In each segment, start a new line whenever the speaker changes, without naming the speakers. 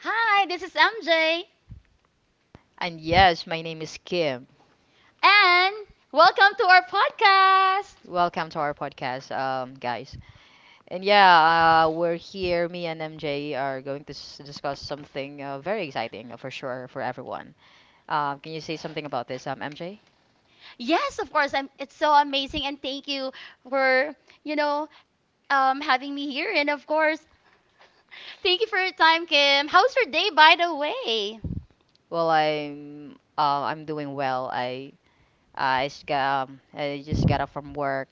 Hi, this is MJ,
And yes, my name is Kim.
and welcome to our podcast.
Welcome to our podcast, guys. We're here. Me and MJ are going to discuss something very exciting for sure for everyone. Can you say something about this, MJ?
Yes, of course. It's so amazing, and thank you for you know having me here. And of course, thank you for your time, Kim. How's your day, by the way?
Well, I'm doing well. I just got I just got up from work,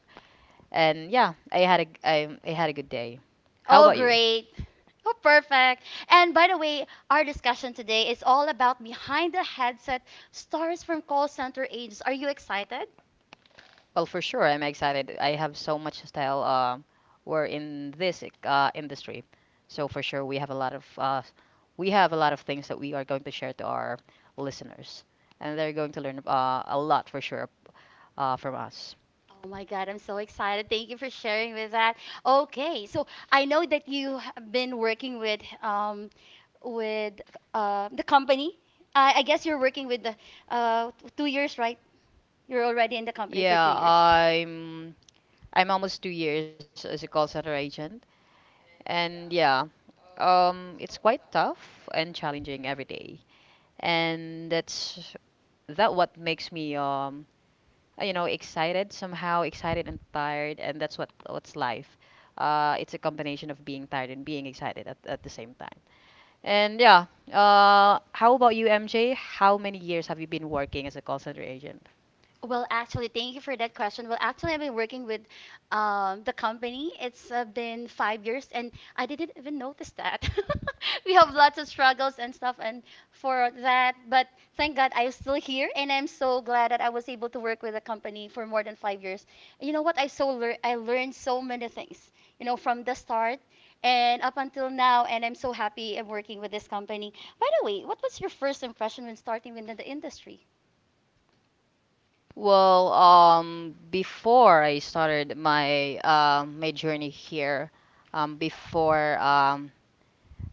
and yeah, I had a g- I had a good day. How
Oh,
about you?
great. Oh, perfect. And by the way, our discussion today is all about behind the headset stars from call center agents. Are you excited?
Well, for sure, I'm excited. I have so much style. We're in this industry, so for sure we have a lot of things that we are going to share to our listeners, and they're going to learn a lot for sure from us.
Oh my God, I'm so excited. Thank you for sharing with that. Okay, so I know that you have been working with the company. I guess you're working with the uh 2 years, right? You're already in the company for two
Yeah,
years.
I'm I'm almost 2 years as a call center agent, and yeah, it's quite tough and challenging every day, and that what makes me excited, somehow excited and tired, and that's what's life. It's a combination of being tired and being excited at the same time. And yeah, how about you, MJ? How many years have you been working as a call center agent?
Well, actually, thank you for that question. Well, actually, I've been working with the company. It's been 5 years, and I didn't even notice that. We have lots of struggles and stuff, and for that, but thank God I'm still here, and I'm so glad that I was able to work with the company for more than 5 years. And you know what? I learned so many things, you know, from the start and up until now, and I'm so happy I'm working with this company. By the way, what was your first impression when starting within the industry?
Well, before I started my journey here, before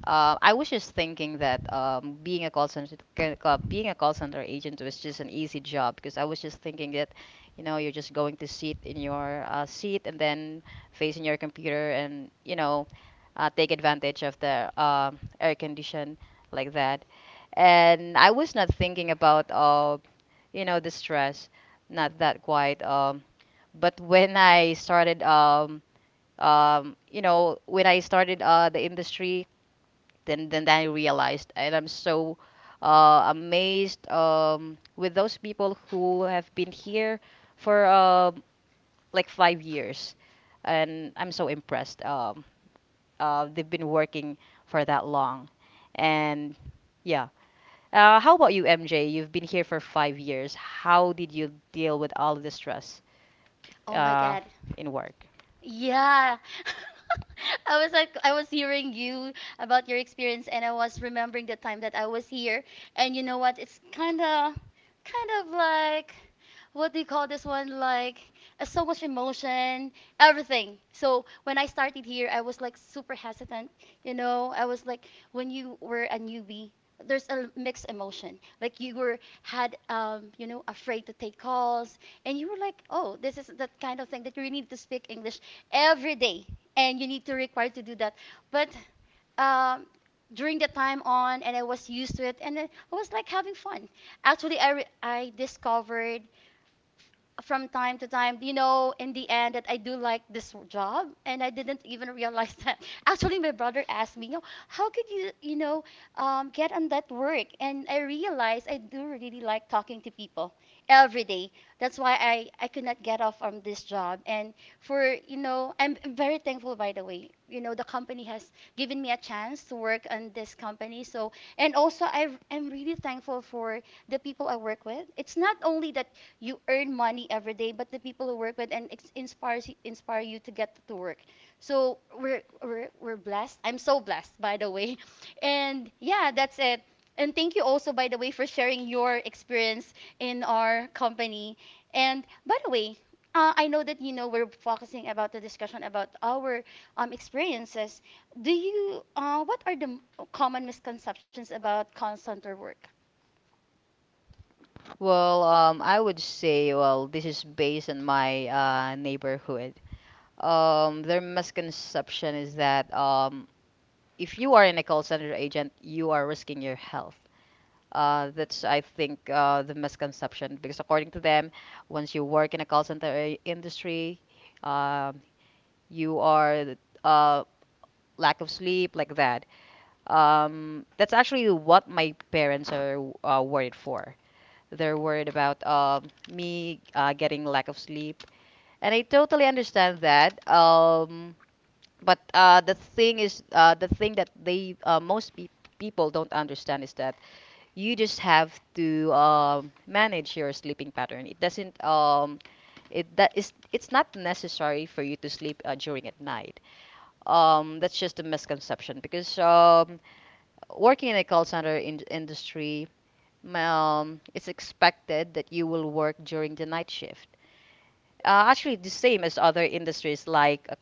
I was just thinking that being a call center being a call center agent was just an easy job because I was just thinking that, you know, you're just going to sit in your seat and then facing your computer, and you know, take advantage of the air condition like that. And I was not thinking about the stress, not that quite. But when I started you know, when I started the industry then I realized, and I'm so amazed with those people who have been here for like 5 years, and I'm so impressed. They've been working for that long, and yeah. How about you, MJ? You've been here for 5 years. How did you deal with all the stress
Oh my
uh,
God.
in work?
Yeah. I was hearing you about your experience and I was remembering the time that I was here and you know what, it's kind of like what do you call this one, like so much emotion everything. So when I started here I was like super hesitant, you know, I was like, when you were a newbie there's a mixed emotion, like you were had you know afraid to take calls and you were like, oh, this is that kind of thing that you really need to speak English every day, and you need to require to do that. But um, during the time on, and I was used to it, and then I was like having fun. Actually, I discovered from time to time, you know, in the end that I do like this job and I didn't even realize that. Actually, my brother asked me, you know, how could you, you know, get on that work? And I realized I do really like talking to people every day. That's why I could not get off from this job. And for, you know, I'm very thankful, by the way. You know, the company has given me a chance to work on this company. So, and also I am really thankful for the people I work with. It's not only that you earn money every day, but the people who work with and inspire you to get to work. So we're blessed. I'm so blessed, by the way. And yeah, that's it. And thank you also, by the way, for sharing your experience in our company. And by the way, I know that you know we're focusing about the discussion about our experiences. Do you? What are the common misconceptions about call center work?
Well, I would say, well, this is based on my neighborhood. Their misconception is that if you are in a call center agent, you are risking your health. That's, I think, the misconception because according to them, once you work in a call center I- industry, um you are th- uh, lack of sleep like that. That's actually what my parents are w- worried for. They're worried about me getting lack of sleep, and I totally understand that. But the thing is the thing that they most people don't understand is that you just have to manage your sleeping pattern. It doesn't it that is it's not necessary for you to sleep during at night. That's just a misconception because working in a call center industry, it's expected that you will work during the night shift, actually the same as other industries like uh,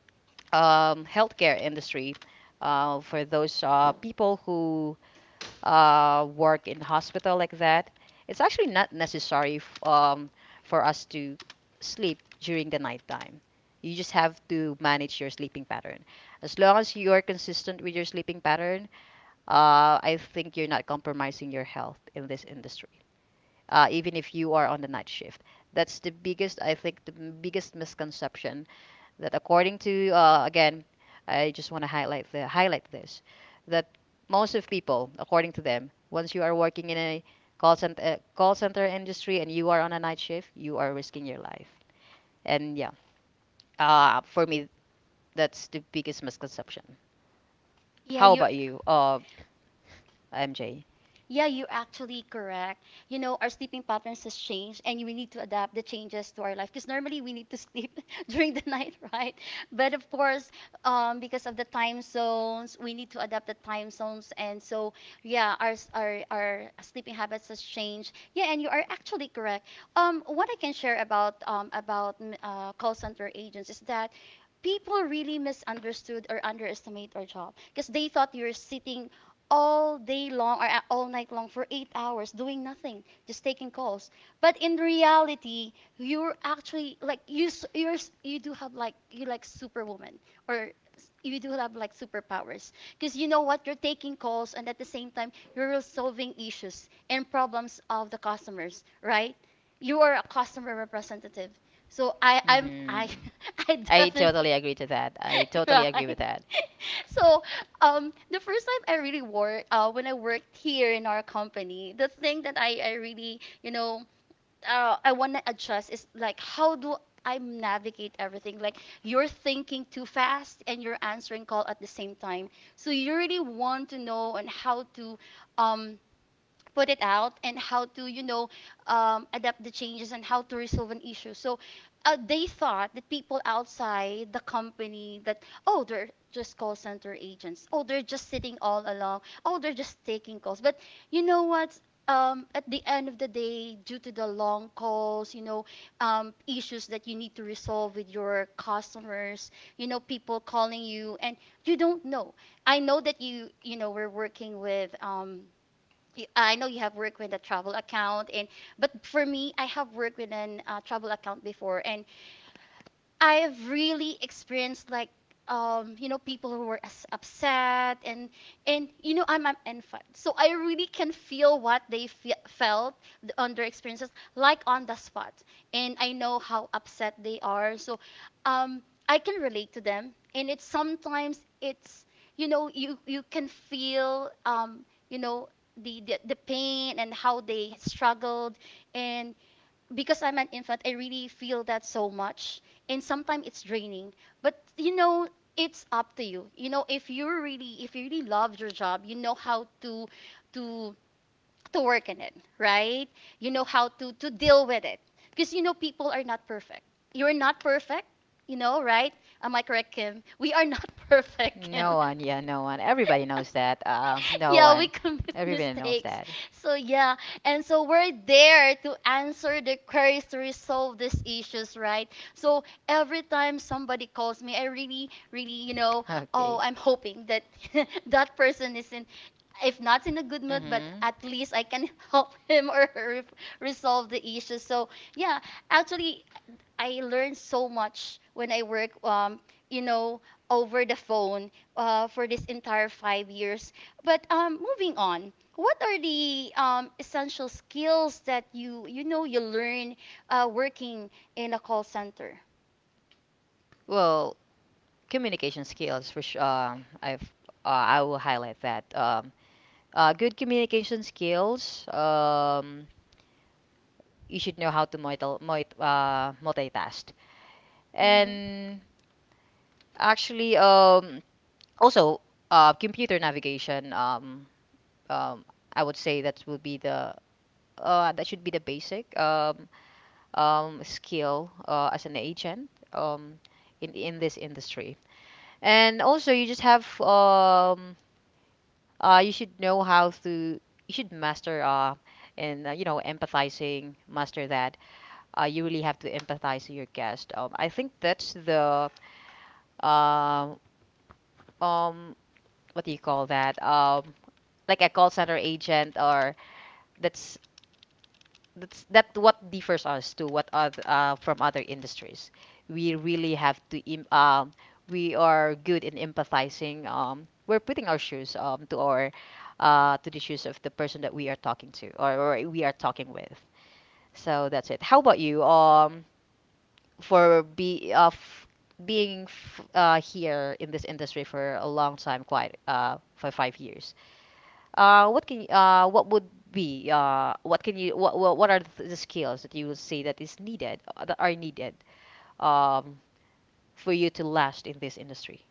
um, healthcare industry, for those people who work in hospital like that. It's actually not necessary for us to sleep during the nighttime. You just have to manage your sleeping pattern. As long as you are consistent with your sleeping pattern, I think you're not compromising your health in this industry, even if you are on the night shift. That's the biggest, I think, the biggest misconception that, according to again, I just want to highlight this, that most of people, according to them, once you are working in a call center industry and you are on a night shift, you are risking your life. And yeah, for me, that's the biggest misconception.
Yeah,
How
you.
about you, MJ?
Yeah, you're actually correct. You know, our sleeping patterns has changed and we need to adapt the changes to our life because normally we need to sleep during the night, right? But of course, because of the time zones, we need to adapt the time zones. And so, yeah, our sleeping habits has changed. Yeah, and you are actually correct. What I can share about call center agents is that people really misunderstood or underestimate our job because they thought you're sitting all day long or all night long for 8 hours doing nothing, just taking calls. But in reality, you're actually like you do have like you like superwoman or you do have like superpowers, because you know what, you're taking calls and at the same time you're resolving issues and problems of the customers, right? You are a customer representative. So I I'm
Mhm.
I I
I
definitely
totally agree to that. I totally agree
right.
with that.
So the first time I really worked, when I worked here in our company, the thing that I really, you know, I want to adjust is like, how do I navigate everything? Like, you're thinking too fast and you're answering call at the same time. So you really want to know on how to, um, put it out and how to, you know, adapt the changes and how to resolve an issue. So they thought that, people outside the company, that oh they're just call center agents, oh they're just sitting all along, oh they're just taking calls. But you know what, at the end of the day due to the long calls, you know, issues that you need to resolve with your customers, you know, people calling you and you don't know. I know that you know we're working with I know you have worked with a travel account, and but for me, I have worked with an travel account before, and I have really experienced like you know people who were as upset, and you know I'm an infant so I really can feel what felt on their experiences like on the spot, and I know how upset they are. So um I can relate to them, and it's sometimes it's, you know, you can feel you know the the pain and how they struggled, and because I'm an infant, I really feel that so much. And sometimes it's draining. But you know, it's up to you. You know, if you really love your job, you know how to to to work in it, right? You know how to deal with it. Because you know people are not perfect. You're not perfect, you know, right? Am I correct, Kim? We are not perfect,
No
Kim.
one, yeah, no one. Everybody knows that. No
Yeah, we
one.
commit
Everybody knows
mistakes.
that.
So yeah, and so we're there to answer the queries, to resolve these issues, right? So every time somebody calls me, I really, really, you know,
Okay.
oh, I'm hoping that that person is, in if not in a good mood, but
Mm-hmm.
at least I can help him or her resolve the issue. So yeah, actually, I learned so much when I work, you know, over the phone for this entire 5 years. But moving on, what are the essential skills that you know you learn working in a call center?
Well, communication skills for sure. I will highlight that. Good communication skills. You should know how to multitask. And actually, also computer navigation. Um, I would say that would be the that should be the basic. Skill as an agent in this industry. And also, you just have you should know how to you should master and you know, empathizing, master that. You really have to empathize to your guest. I think that's the uh, um what do you call that like a call center agent or that's that's that what differs us to what other from other industries. We really have to we are good in empathizing. We're putting our shoes to the shoes of the person that we are talking to, or we are talking with. So that's it. How about you? For be of being here in this industry for a long time, quite for 5 years. What can y- what would be what can you what are the skills that you would say that is needed that are needed um, for you to last in this industry?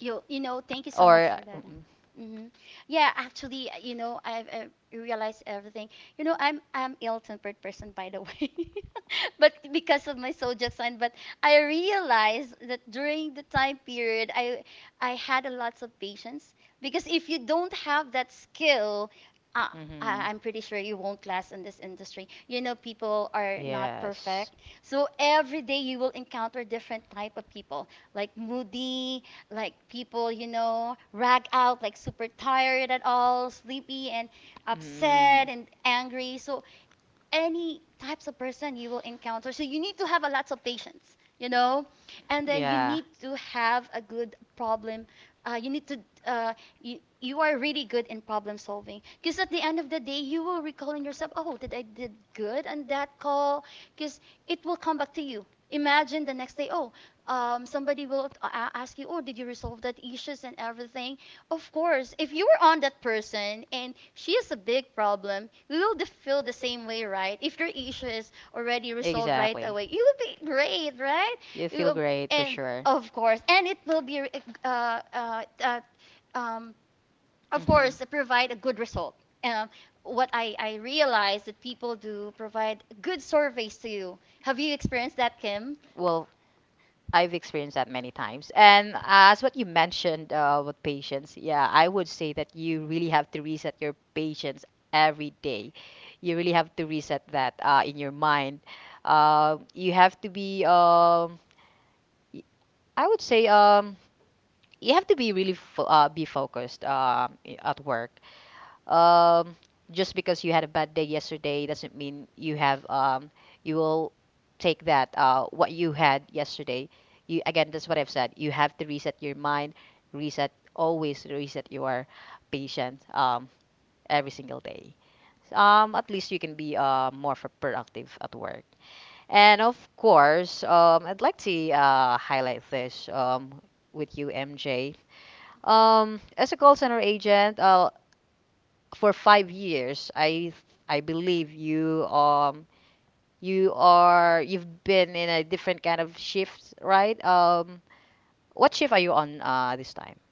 You know, thank you so much
Or
for that.
mm
Hmm. Yeah, actually, you know, I realized everything. You know, I'm ill-tempered person, by the way, but because of my zodiac sign. But I realized that during the time period, I had a lots of patience, because if you don't have that skill, uh,
mm-hmm.
I'm pretty sure you won't last in this industry. You know, people are not
Yes.
perfect. So every day you will encounter different type of people, like moody, like people, you know, rag out, like super tired at all, sleepy and
Mm.
upset and angry. So any types of person you will encounter. So you need to have a lots of patience, you know, and then you
Yeah.
need to have a good problem. You need to uh, you are really good in problem solving, because at the end of the day you will recall in yourself, oh did I did good on that call, because it will come back to you. Imagine the next day, oh somebody will ask you, oh did you resolve that issues and everything. Of course, if you were on that person and she is a big problem, you will feel the same way, right? If your issue is already resolved right away, you will be great, right? You, um, and of course, and it will be, uh, uh, uh, um, of course, provide a good result. Um, what I realize that people do provide good surveys to you. Have you experienced that, Kim?
Well, I've experienced that many times. And as what you mentioned with patience, yeah, I would say that you really have to reset your patience every day. You really have to reset that in your mind. You have to be, y- I would say, you have to be really be focused at work, um, just because you had a bad day yesterday doesn't mean you will take that what you had yesterday. You again, that's what I've said. You have to reset your mind, reset always reset your patient every single day. At least you can be more productive at work. And of course, I'd like to highlight this with you, MJ. As a call center agent, for 5 years, I believe you've been in a different kind of shift, right? What shift are you on this time?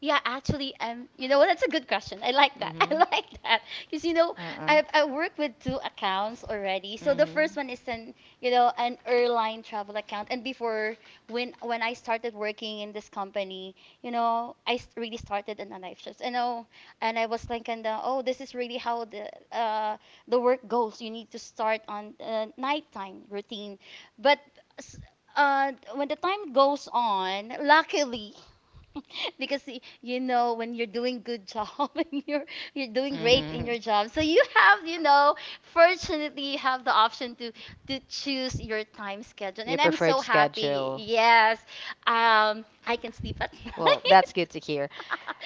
Yeah, actually, you know what? That's a good question. I like that.
Mm-hmm.
I like that because you know
Uh-uh.
I work with two accounts already. So the first one is an, you know, an airline travel account, and before, when I started working in this company, you know really started in a night shift. You know, and I was thinking that, oh this is really how the work goes. You need to start on nighttime routine, but. s- when the time goes on, luckily, because you know when you're doing good job and you're
Right.
doing great in your job, so
Mm-hmm.
you have fortunately you have the option to choose your time schedule,
Your
and I'm
preferred
so
so
happy.
schedule.
Yes, I can sleep at
Well, that's
night.
good to hear.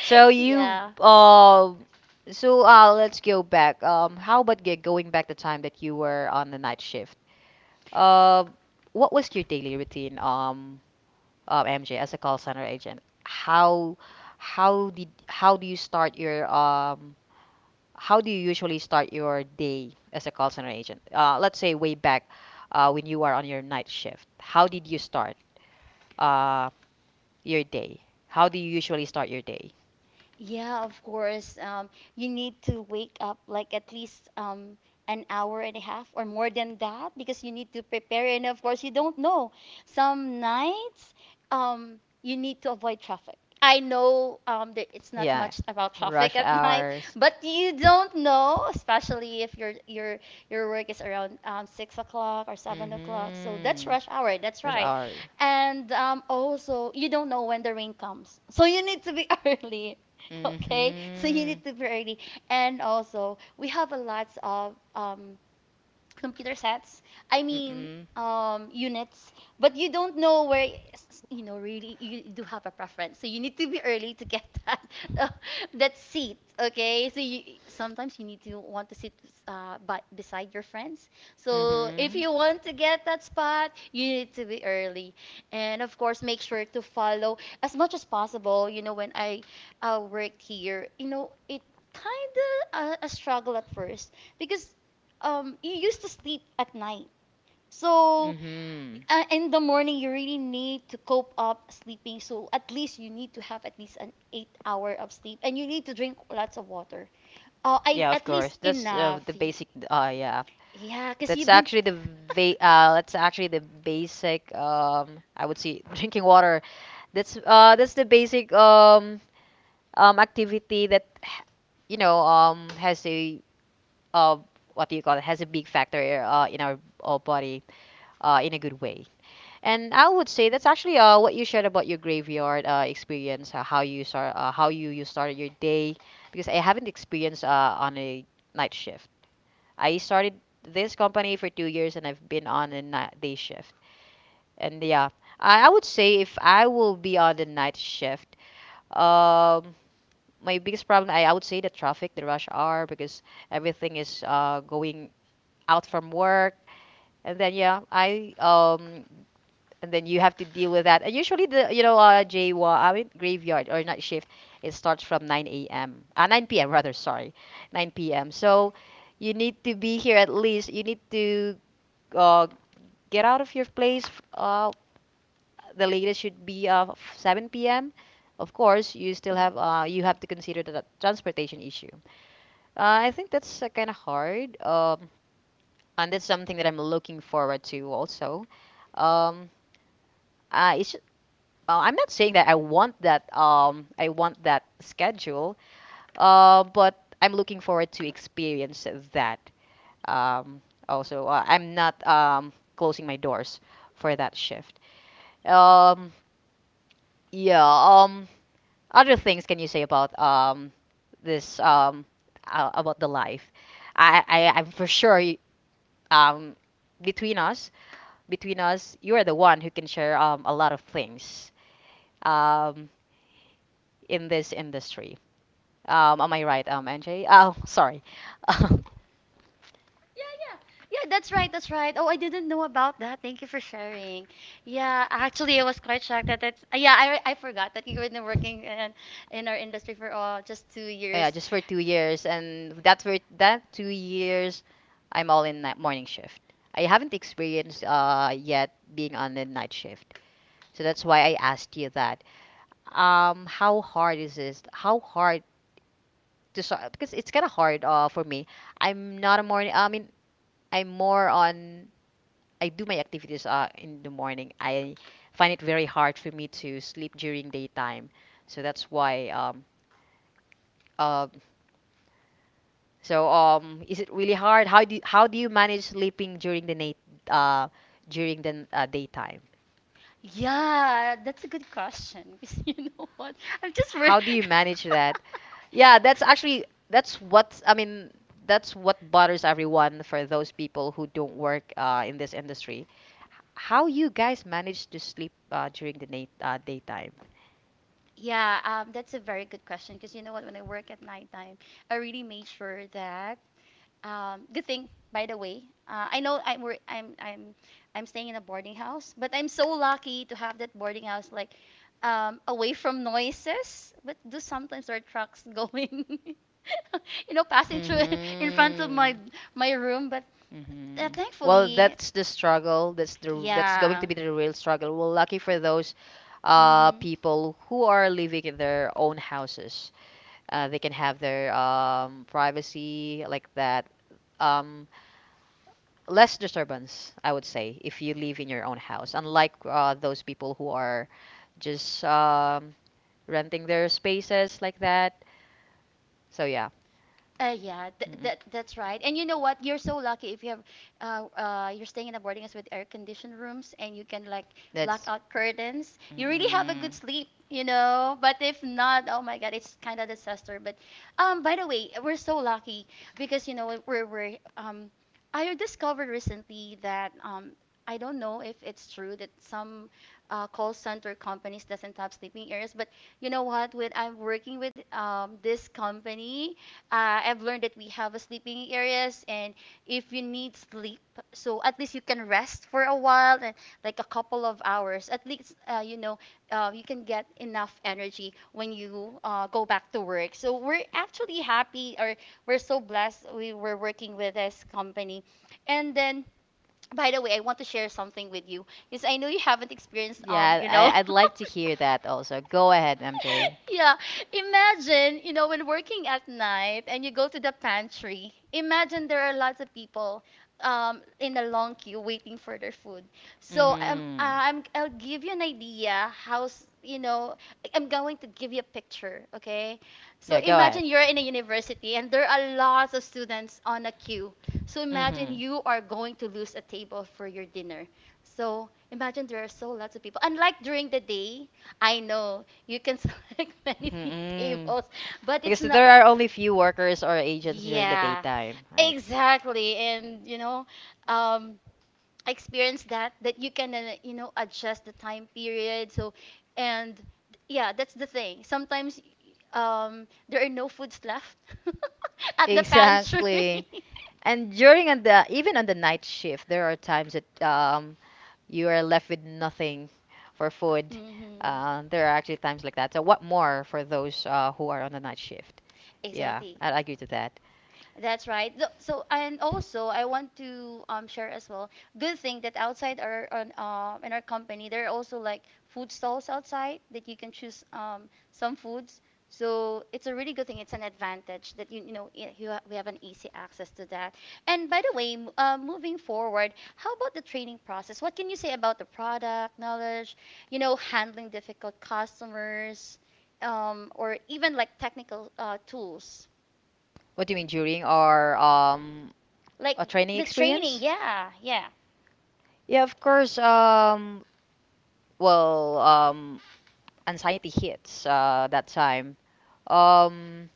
So you,
Yeah.
um, so let's go back. How about get going back the time that you were on the night shift. Um, what was your daily routine, MJ, as a call center agent? How do you start your how do you usually start your day as a call center agent? Let's say way back when you are on your night shift. How did you start uh, your day? How do you usually start your day?
Yeah, of course. You need to wake up like at least an hour and a half or more than that, because you need to prepare. And of course, you don't know. Some nights, you need to avoid traffic. I know that it's not
Yeah,
much about traffic
rush
at night,
hours.
but you don't know, especially if your your work is around 6 o'clock or 7 o'clock. So
Mm-hmm.
that's rush hour. That's
Rush
right.
hour.
And also, you don't know when the rain comes, so you need to be early. Okay,
Mm-hmm.
so you need to be ready, and also we have a lots of computer sets, i mean
Mm-mm.
um units. But you don't know where you know, really, you do have a preference, so you need to be early to get that uh, that seat. Okay, so you sometimes you need to want to sit beside your friends. So if you want to get that spot, you need to be
Mm-hmm.
early. And of course, make sure to follow as much as possible. You know, when I worked here, you know, it kind of a struggle at first, because you used to sleep at night. So
Mm-hmm.
in the morning, you really need to cope up sleeping, so at least you need to have at least an 8 hour of sleep, and you need to drink lots of water,
Yeah, of
at least
course. That's
enough.
the basic. Yeah,
Yeah, because
that's
you've been.
actually the va that's actually the basic. I would say drinking water. That's the basic activity that you know has a uh what do you call it has a big factor in our body, in a good way. And I would say that's actually what you shared about your graveyard experience, how you started your day, because I haven't experienced on a night shift. I started this company for 2 years and I've been on a night, day shift. And yeah, I would say if I will be on the night shift, um, my biggest problem, I would say the traffic, the rush hour, because everything is going out from work. And then yeah, I and then you have to deal with that. And usually the you know, JWA, I mean graveyard or night shift, it starts from 9 a.m. 9 p.m. rather, sorry, 9 p.m. So you need to be here at least. You need to uh, get out of your place. The latest should be 7 p.m. Of course, you still have you have to consider the transportation issue. I think that's kind of hard. And that's something that I'm looking forward to also. Um, it's I'm not saying that I want that I want that schedule but I'm looking forward to experience that um also. I'm not closing my doors for that shift. um yeah um Other things can you say about this, about the life? I'm for sure. Um Between us, between us, you are the one who can share a lot of things um in this industry. Am I right, NJ? Oh, sorry.
Yeah, that's right, that's right. Oh, I didn't know about that. Thank you for sharing. Yeah, actually, I was quite shocked that it's. Yeah, I forgot that you were been working in our industry for just two
Yeah,
years.
just for 2 years, and that's for that 2 years, I'm all in night morning shift. I haven't experienced yet being on the night shift, so that's why I asked you that. How hard is this? How hard to start? Because it's kind of hard for me. I'm not a morning. I mean, I'm more on I do my activities in the morning. I find it very hard for me to sleep during daytime. So that's why. Uh, so is it really hard? How do you manage sleeping during the night? Uh, During the daytime.
Yeah, that's a good question. Because you know what? I'm just.
How do you manage that? Yeah, that's actually that's what I mean. That's what bothers everyone for those people who don't work in this industry. How you guys manage to sleep during the night, daytime.
Yeah, that's a very good question, because you know what? When I work at nighttime, I really made sure that. Good thing, by the way. I know I'm, I'm staying in a boarding house, but I'm so lucky to have that boarding house like away from noises. But do sometimes there are trucks going, you know, passing through in front of my
Mm-hmm.
my room. But
Mm-hmm. Well,
thankfully,
that's the struggle. That's going
yeah.
to be the real struggle. Well, lucky for those
Mhm.
people who are living in their own houses, they can have their privacy like that. Um, Less disturbance, I would say, if you live in your own house, unlike those people who are just renting their spaces like that. So yeah.
Yeah, that that's right. And you know what? You're so lucky if you have, you're staying in a boarding house with air-conditioned rooms, and you can like black out curtains. You really have a good sleep, you know. But if not, oh my God, it's kind of disaster. But, by the way, we're so lucky because you know we're I discovered recently that I don't know if it's true that some call center companies doesn't have sleeping areas. But you know what? When I'm working with this company, I've learned that we have a sleeping areas, and if you need sleep, so at least you can rest for a while, and like a couple of hours. At least you know, you can get enough energy when you go back to work. So we're actually happy, or we're so blessed we were working with this company, and then. By the way, I want to share something with you, because I know you haven't experienced,
Yeah. Fine. Hear that also. Go ahead, MJ.
Yeah, imagine, you know, when working at night and you go to the pantry, imagine there are lots of people in a long queue waiting for their food. So I'll give you an idea how, you know, I'm going to give you a picture, okay? So imagine you're in a university and there are lots of students on a queue. So imagine you are going to lose a table for your dinner. So imagine there are so lots of people. Unlike during the day, I know you can select many
Mm-mm.
tables, but it's
Because
not.
there are only few workers or agents during the
Yeah,
daytime. I.
exactly. And you know, um, I experienced that that you can you know, adjust the time period. So, and yeah, that's the thing. Sometimes there are no foods left at the pantry.
Exactly. And during on the even on the night shift, there are times that you are left with nothing for food.
Hmm.
There are actually times like that. So what more for those who are on the night shift? Yeah,
Exactly.
I agree to that.
That's right. So and also I want to share as well. Good thing that outside our on in our company there are also like food stalls outside that you can choose some foods. So it's a really good thing. It's an advantage that you know, we have an easy access to that. And by the way, moving forward, how about the training process? What can you say about the product knowledge? You know, handling difficult customers, or even like technical tools.
What do you mean during or
Like
a training
the training,
experience?
yeah, yeah.
Yeah, of course. Well um Anxiety hits that time. Um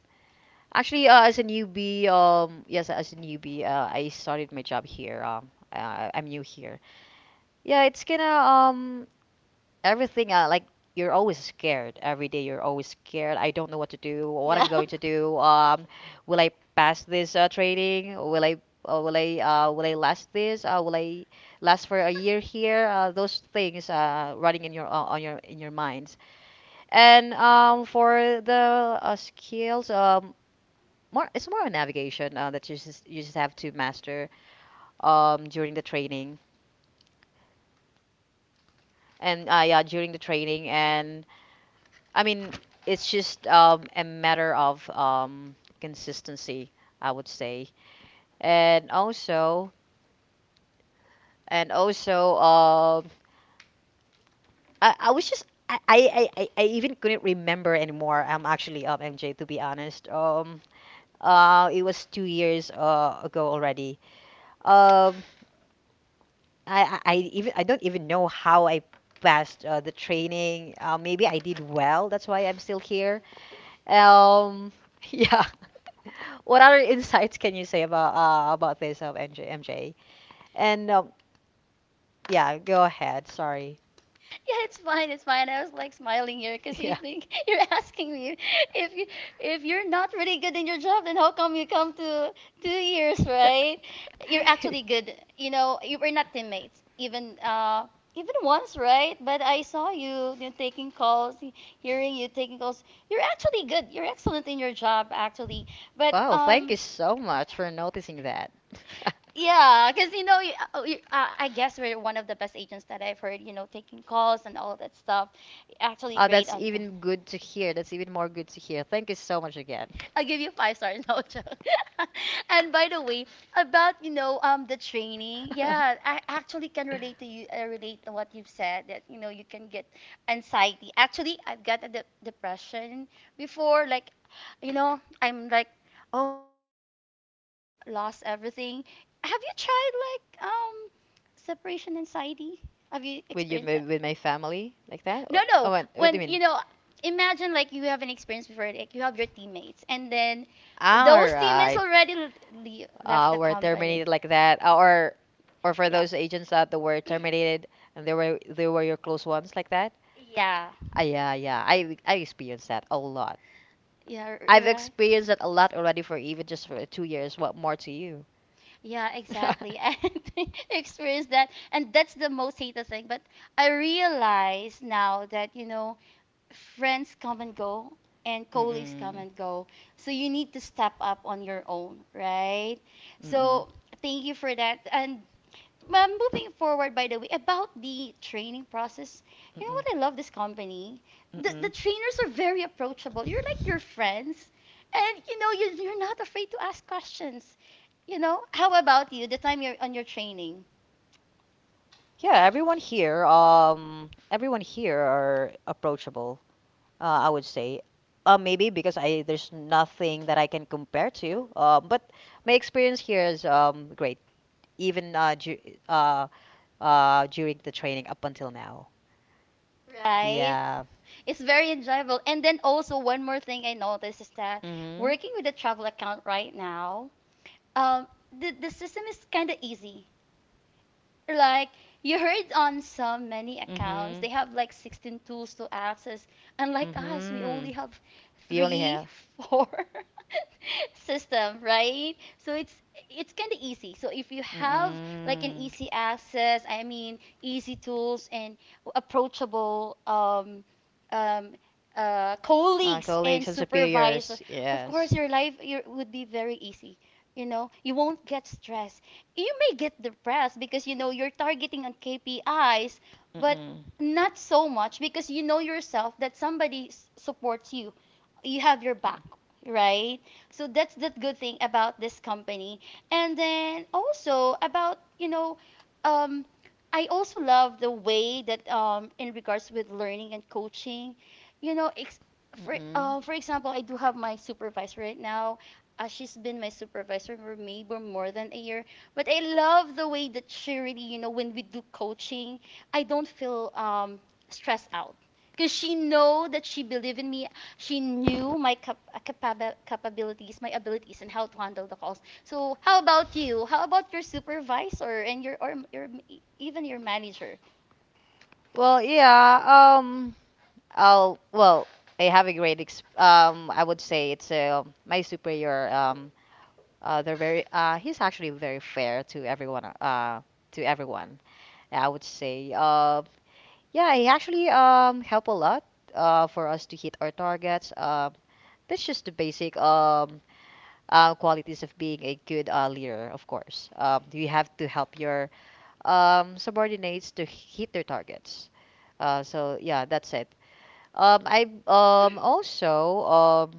actually As a newbie, yes, as a newbie, I started my job here. I'm new here. Yeah, it's gonna everything, like you're always scared, every day you're always scared. I don't know what to do, what
Yeah.
I'm going to do. Will I pass this training? Will I last this? Will I last for a year here? Those things running in your on your in your mind. And For the skills, more it's more a navigation that you just have to master during the training. And yeah, during the training. And I mean, it's just a matter of consistency, I would say. And also, and also, I was just. I even couldn't remember anymore. I'm actually MJ, to be honest. It was 2 years ago already. Um, I don't even know how I passed the training. Maybe I did well. That's why I'm still here. Um, yeah. What other insights can you say about this of MJ? And Yeah, go ahead. Sorry.
Yeah, it's fine, it's fine. I was like smiling here because you think you're asking me. If you, if you're not really good in your job, then how come you come to 2 years, right? You're actually good. You know, you were not
Yeah.
teammates, even even once, right? But I saw you, you know, taking calls, hearing you taking calls. You're actually good. You're excellent in your job, actually, but
Wow, thank you so much for noticing that.
yeah, because you know, I guess we're one of the best agents that I've heard. You know, taking calls and all that stuff. Actually,
Oh,
great
that's
on that.
even good to hear. That's even more good to hear. Thank you so much again.
I'll give you 5 stars, no joke. And by the way, about you know the training, yeah, I actually can relate to you. I relate to what you've said, that you know you can get anxiety. Actually, I've got a depression before. Like, you know, I'm like, oh my god, I think I'm gonna lose everything. Have you tried like separation anxiety? Have you
With your
experienced that?
ma- with my family like that? Oh,
No,
oh,
no.
what do
When,
you
you
mean?
know, imagine like you have an experience before, like you have your teammates, and then
All
those teammates
right.
already left the
Were
company.
terminated like that. Or for
Yeah.
those agents that they were terminated and they were your close ones like that.
Yeah.
Ah, yeah, yeah. I experienced that a lot.
Yeah,
I've
right.
experienced that a lot already for even just for 2 years. What more to you?
Yeah, exactly. And experienced that. And that's the most hated thing. But I realize now that, you know, friends come and go, and colleagues
Mm-mm.
come and go. So you need to step up on your own, right?
Mm-mm.
So thank you for that. And moving forward, by the way, about the training process, you know
Mm-mm.
what, I love this company. The
Mm-mm.
trainers are very approachable. You're like your friends, and you know, you, you're not afraid to ask questions. You know, how about you, the time you're on your training?
Yeah, everyone here are approachable. I would say, maybe because I there's nothing that I can compare to. But my experience here is great. Even ju uh, during the training up until now. Yeah.
Right?
Yeah.
It's very enjoyable. And then also one more thing I noticed is that
Mm-hmm.
working with a travel account right now, the system is kind of easy. Like, you heard on some many accounts they have like 16 tools to access. Unlike us, we only have
We only
three
have.
four system, right? So it's kind of easy. So if you have like an easy access, I mean, easy tools, and approachable um, colleagues and supervisor,
Superiors.
of course your life, would be very easy. You know, you won't get stressed. You may get depressed because you know you're targeting on KPIs,
But
but
Mm-mm.
not so much, because you know yourself that somebody supports you. You have your back, right? So that's the good thing about this company. And then also about, you know, um, I also love the way that in regards with learning and coaching, you know,
Mm-mm.
for example, I do have my supervisor right now. She's been my supervisor for maybe more than a year, but I love the way that she really, you know, when we do coaching, I don't feel stressed out, because she know that she believed in me. She knew my capabilities, my abilities, and how to handle the calls. So how about you? How about your supervisor and your, or your even your manager
Well, yeah. I'll. Well, I have a great. Ex. I would say it's my superior. They're very. He's actually very fair to everyone. To everyone. I would say. Yeah, he actually help a lot. For us to hit our targets. That's just the basic. Qualities of being a good leader, of course. You have to help your subordinates to hit their targets. So yeah, that's it. I also um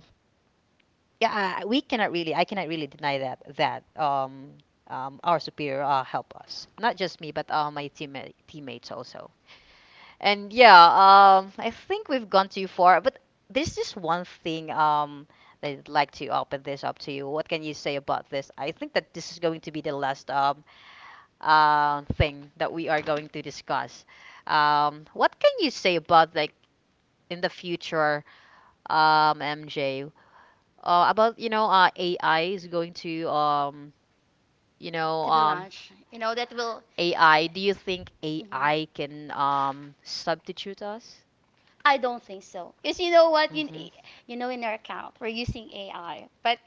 yeah I- we cannot really I cannot really deny that our superior help us, not just me but my teammates also. And yeah, I think we've gone too far, but there's just one thing that I'd like to open this up to you. What can you say about this? I think that this is going to be the last thing that we are going to discuss. What can you say about like in the future, MJ, about you know AI is going to you know
to be
um
launched? You know that will.
AI. Do you think
Mhm.
AI can substitute us?
I don't think so. Because you know what? You,
Mhm.
you know, in our account, we're using AI. But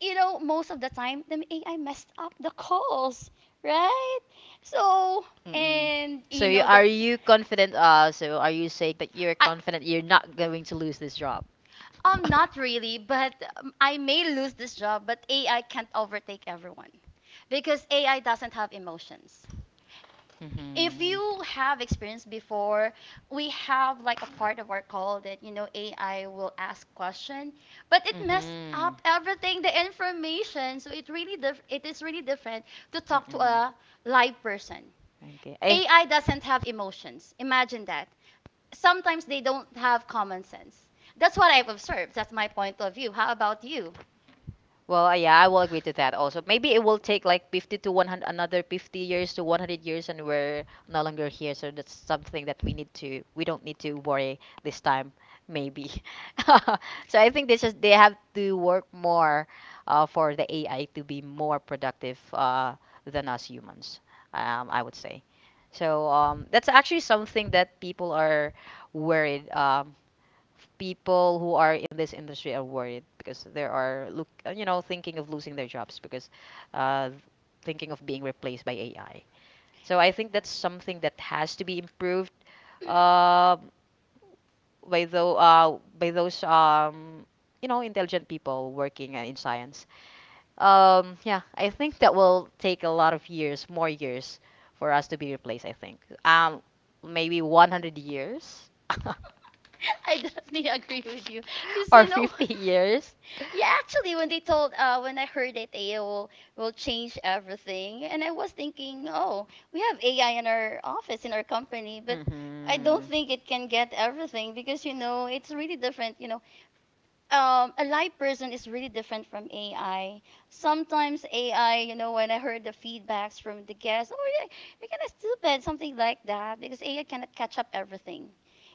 you know, most of the time, the AI messed up the calls, right? So,
Mm-mm.
and
So
you
you,
know
are
that.
you confident? So are you saying that you're
I-
confident you're not going to lose this job?
Not really, but I may lose this job, but AI can't overtake everyone, because AI doesn't have emotions. If you have experienced before, we have like a part of our call that you know AI will ask question, but it
Mhm.
messed
Mhm.
up everything, the information. So it really it is really different to talk to
Mm-mm.
a live person.
Okay. I.
AI doesn't have emotions. Imagine that. Sometimes they don't have common sense. That's what I've observed. That's my point of view. How about you?
Well, yeah, I will agree to that also. Maybe it will take like 50 to 100, another 50 years to 100 years, and we're no longer here. So that's something that we need to, we don't need to worry this time, maybe. So I think this is, they have to work more for the AI to be more productive than us humans, I would say. So that's actually something that people are worried. People who are in this industry are worried because there are look you know thinking of losing their jobs because uh, thinking of being replaced by AI. So I think that's something that has to be improved uh, by those you know intelligent people working in science. Yeah, I think that will take a lot of years, more years, for us to be replaced. I think um, maybe 100 years
I definitely agree with you. Because
or
you well. Know,
50 years.
Yeah, actually, when I heard that AI will change everything, and I was thinking, oh, we have AI in our office, in our company, but
Mm-hmm.
I
Mm-hmm.
don't
Mm-hmm.
think it can get everything because you know it's really different. You know, a live person is really different from AI. Sometimes AI, you know, when I heard the feedbacks from the guests, oh, yeah, you're kind of stupid, something like that, because AI cannot catch up everything.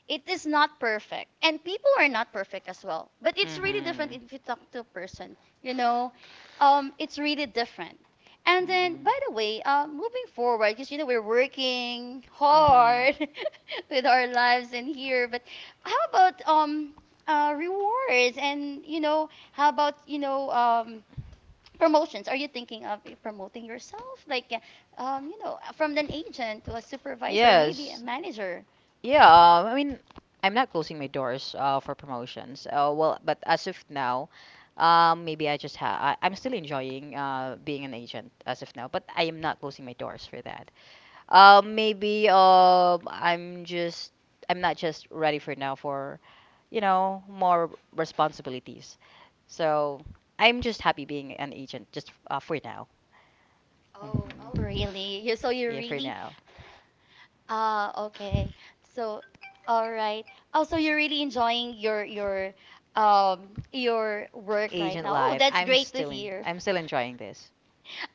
It is not perfect, and people are not perfect as well. But it's really different
Mm-hmm.
if you talk to a person, you know, it's really different. And then, by the way, moving forward, because you know we're working hard with our lives in here, but how about rewards and you know how about you know promotions, are you thinking of promoting yourself like you know from an agent to a supervisor, maybe a
Yes.
manager?
Yeah, I mean, I'm not closing my doors for promotions. Well, but as of now, maybe I just ha I, I'm still enjoying being an agent as of now, but I am not closing my doors for that. Maybe I'm just I'm not just ready for now for you know more responsibilities. So I'm just happy being an agent just for now. Mhm.
really you so you
Yeah, for
really
now.
Ah, okay. So, all right. Oh, so you're really enjoying your your work right
Agent
now? Oh,
life.
that's
I'm
great to
still in.
hear.
I'm still enjoying this.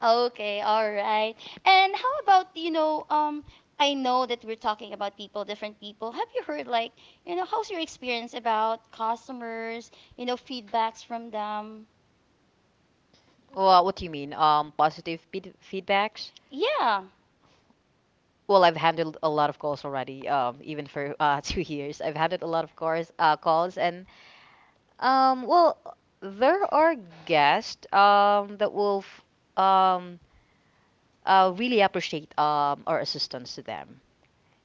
Okay, all right. And how about, you know, I know that we're talking about people, different people. Have you heard, like, you know, how's your experience about customers, you know, feedbacks from them?
Well, what do you mean? Positive feedbacks.
Yeah.
Well, I've handled a lot of calls already. Even for 2 years, I've handled a lot of calls, and Um, well, there are guests that will um really appreciate our assistance to them,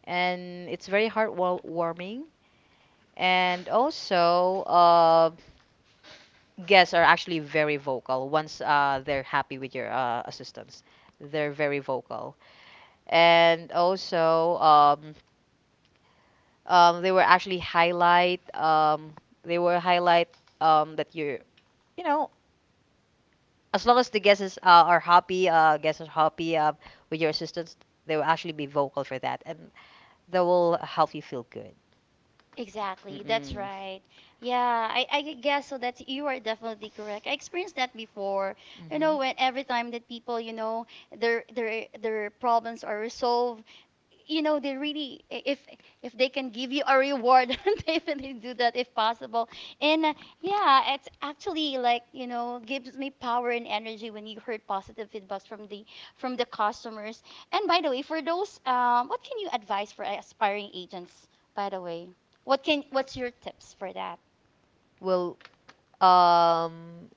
and it's very heartwarming. And also, guests are actually very vocal once they're happy with your assistance. They're very vocal, and also um they were actually highlight um they were highlight that you're you know. As long as the guests are happy, with your assistance, they will actually be vocal for that, and that will help you feel good.
Exactly, that's
Mm-mm.
right. Yeah, I guess so that you are definitely correct. I experienced that before. You know,
Mhm.
when every time that people, you know, their problems are resolved, you know, they really, if they can give you a reward, they definitely do that if possible. And yeah, it's actually like, you know, gives me power and energy when you heard positive feedbacks from the customers. And by the way, for those what can you advise for aspiring agents, by the way? What's your tips for that?
Well, um,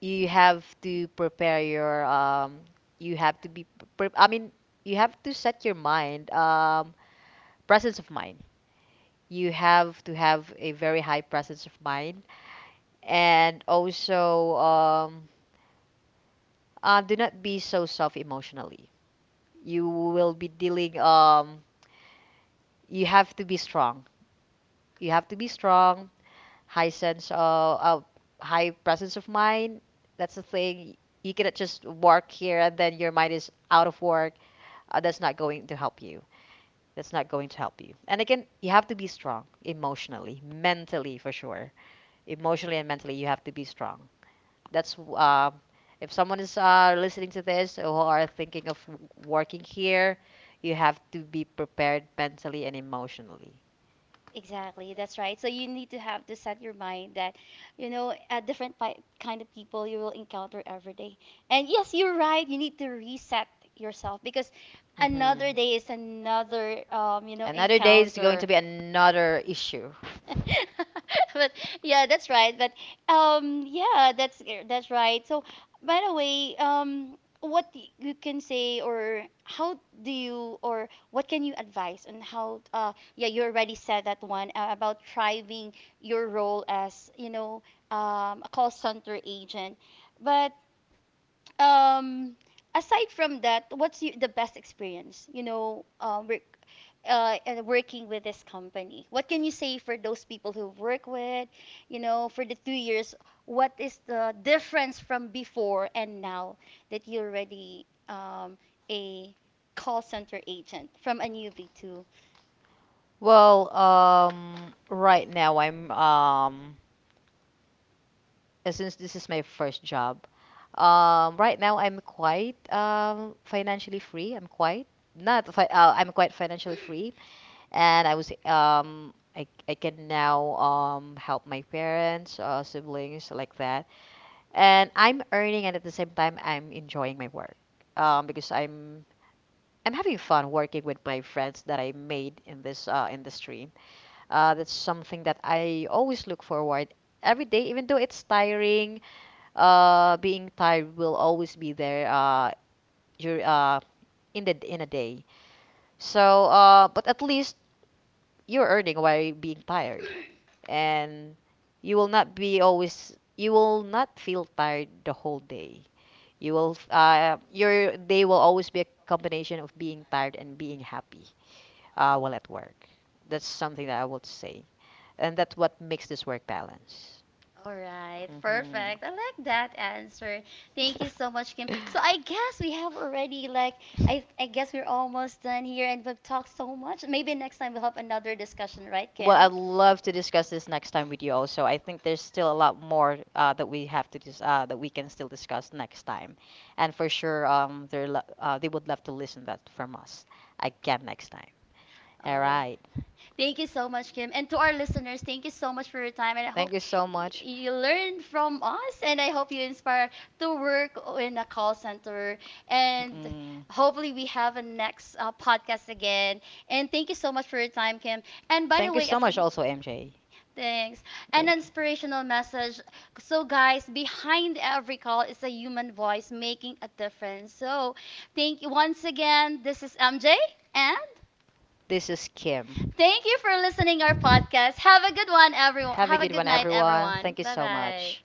you have to prepare your you have to be I mean, you have to set your mind, presence of mind. You have to have a very high presence of mind, and also do not be so soft emotionally. You will be dealing you have to be strong, you have to be strong high sense of high presence of mind. That's the thing. You cannot just work here and then your mind is out of work. That's not going to help you. And again, you have to be strong emotionally, mentally, for sure. Emotionally and mentally, you have to be strong. That's if someone is listening to this who are thinking of working here, you have to be prepared mentally and emotionally.
Exactly, that's right. So you need to have to set your mind that, you know, a kind of people you will encounter every day. And yes, you're right. You need to reset yourself because
Mhm.
another day is another, you know,
Another day is going to
encounter.
be another issue.
But yeah, that's right. But yeah, that's right. So by the way, you can say, or how do you, or what can you advise on how yeah, you already said that one about thriving your role as, you know, a call center agent, but um, aside from that, the best experience, you know, work, and working with this company, what can you say for those people who work with, you know, for the 2 years, what is the difference from before and now that you're already, a call center agent from a newbie to?
Well, right now I'm since this is my first job, right now I'm quite financially free. I'm quite not fi- I'm quite financially free, and I can now help my parents, siblings like that. And I'm earning, and at the same time I'm enjoying my work, because I'm having fun working with my friends that I made in this industry. That's something that I always look forward every day, even though it's tiring. Being tired will always be there, dur- uh in the in a day. So but at least you're earning while being tired, and you will not be always you will not feel tired the whole day. Your day will always be a combination of being tired and being happy, while at work. That's something that I would say, and that's what makes this work balance.
All right,
Hmm.
perfect. I like that answer. Thank you so much, Kim. So I guess we have already like, I guess we're almost done here and we've talked so much. Maybe next time we'll have another discussion, right,
Well,
Kim?
I'd love to discuss this next time with you also. I think there's still a lot more that we can still discuss next time. And for sure, they would love to listen that from us again next time.
All
All
right.
right.
Thank you so much, Kim. And to our listeners, thank you so much for your time, and I
Thank
hope
you so much.
you learned from us, and I hope you inspire to work in a call center, and
Mm.
hopefully we have a next podcast again. And thank you so much for your time, Kim. And by the
Thank you
way,
so
as
much
an
also, MJ.
Thanks. An
Thank
inspirational message.
you.
So, guys, behind every call is a human voice making a difference. So, thank you once again. This is MJ, and
This is Kim.
thank you for listening
You.
our podcast. Have
Have
a
a
good one,
good
everyone.
one,
Have a good night, everyone. Bye bye.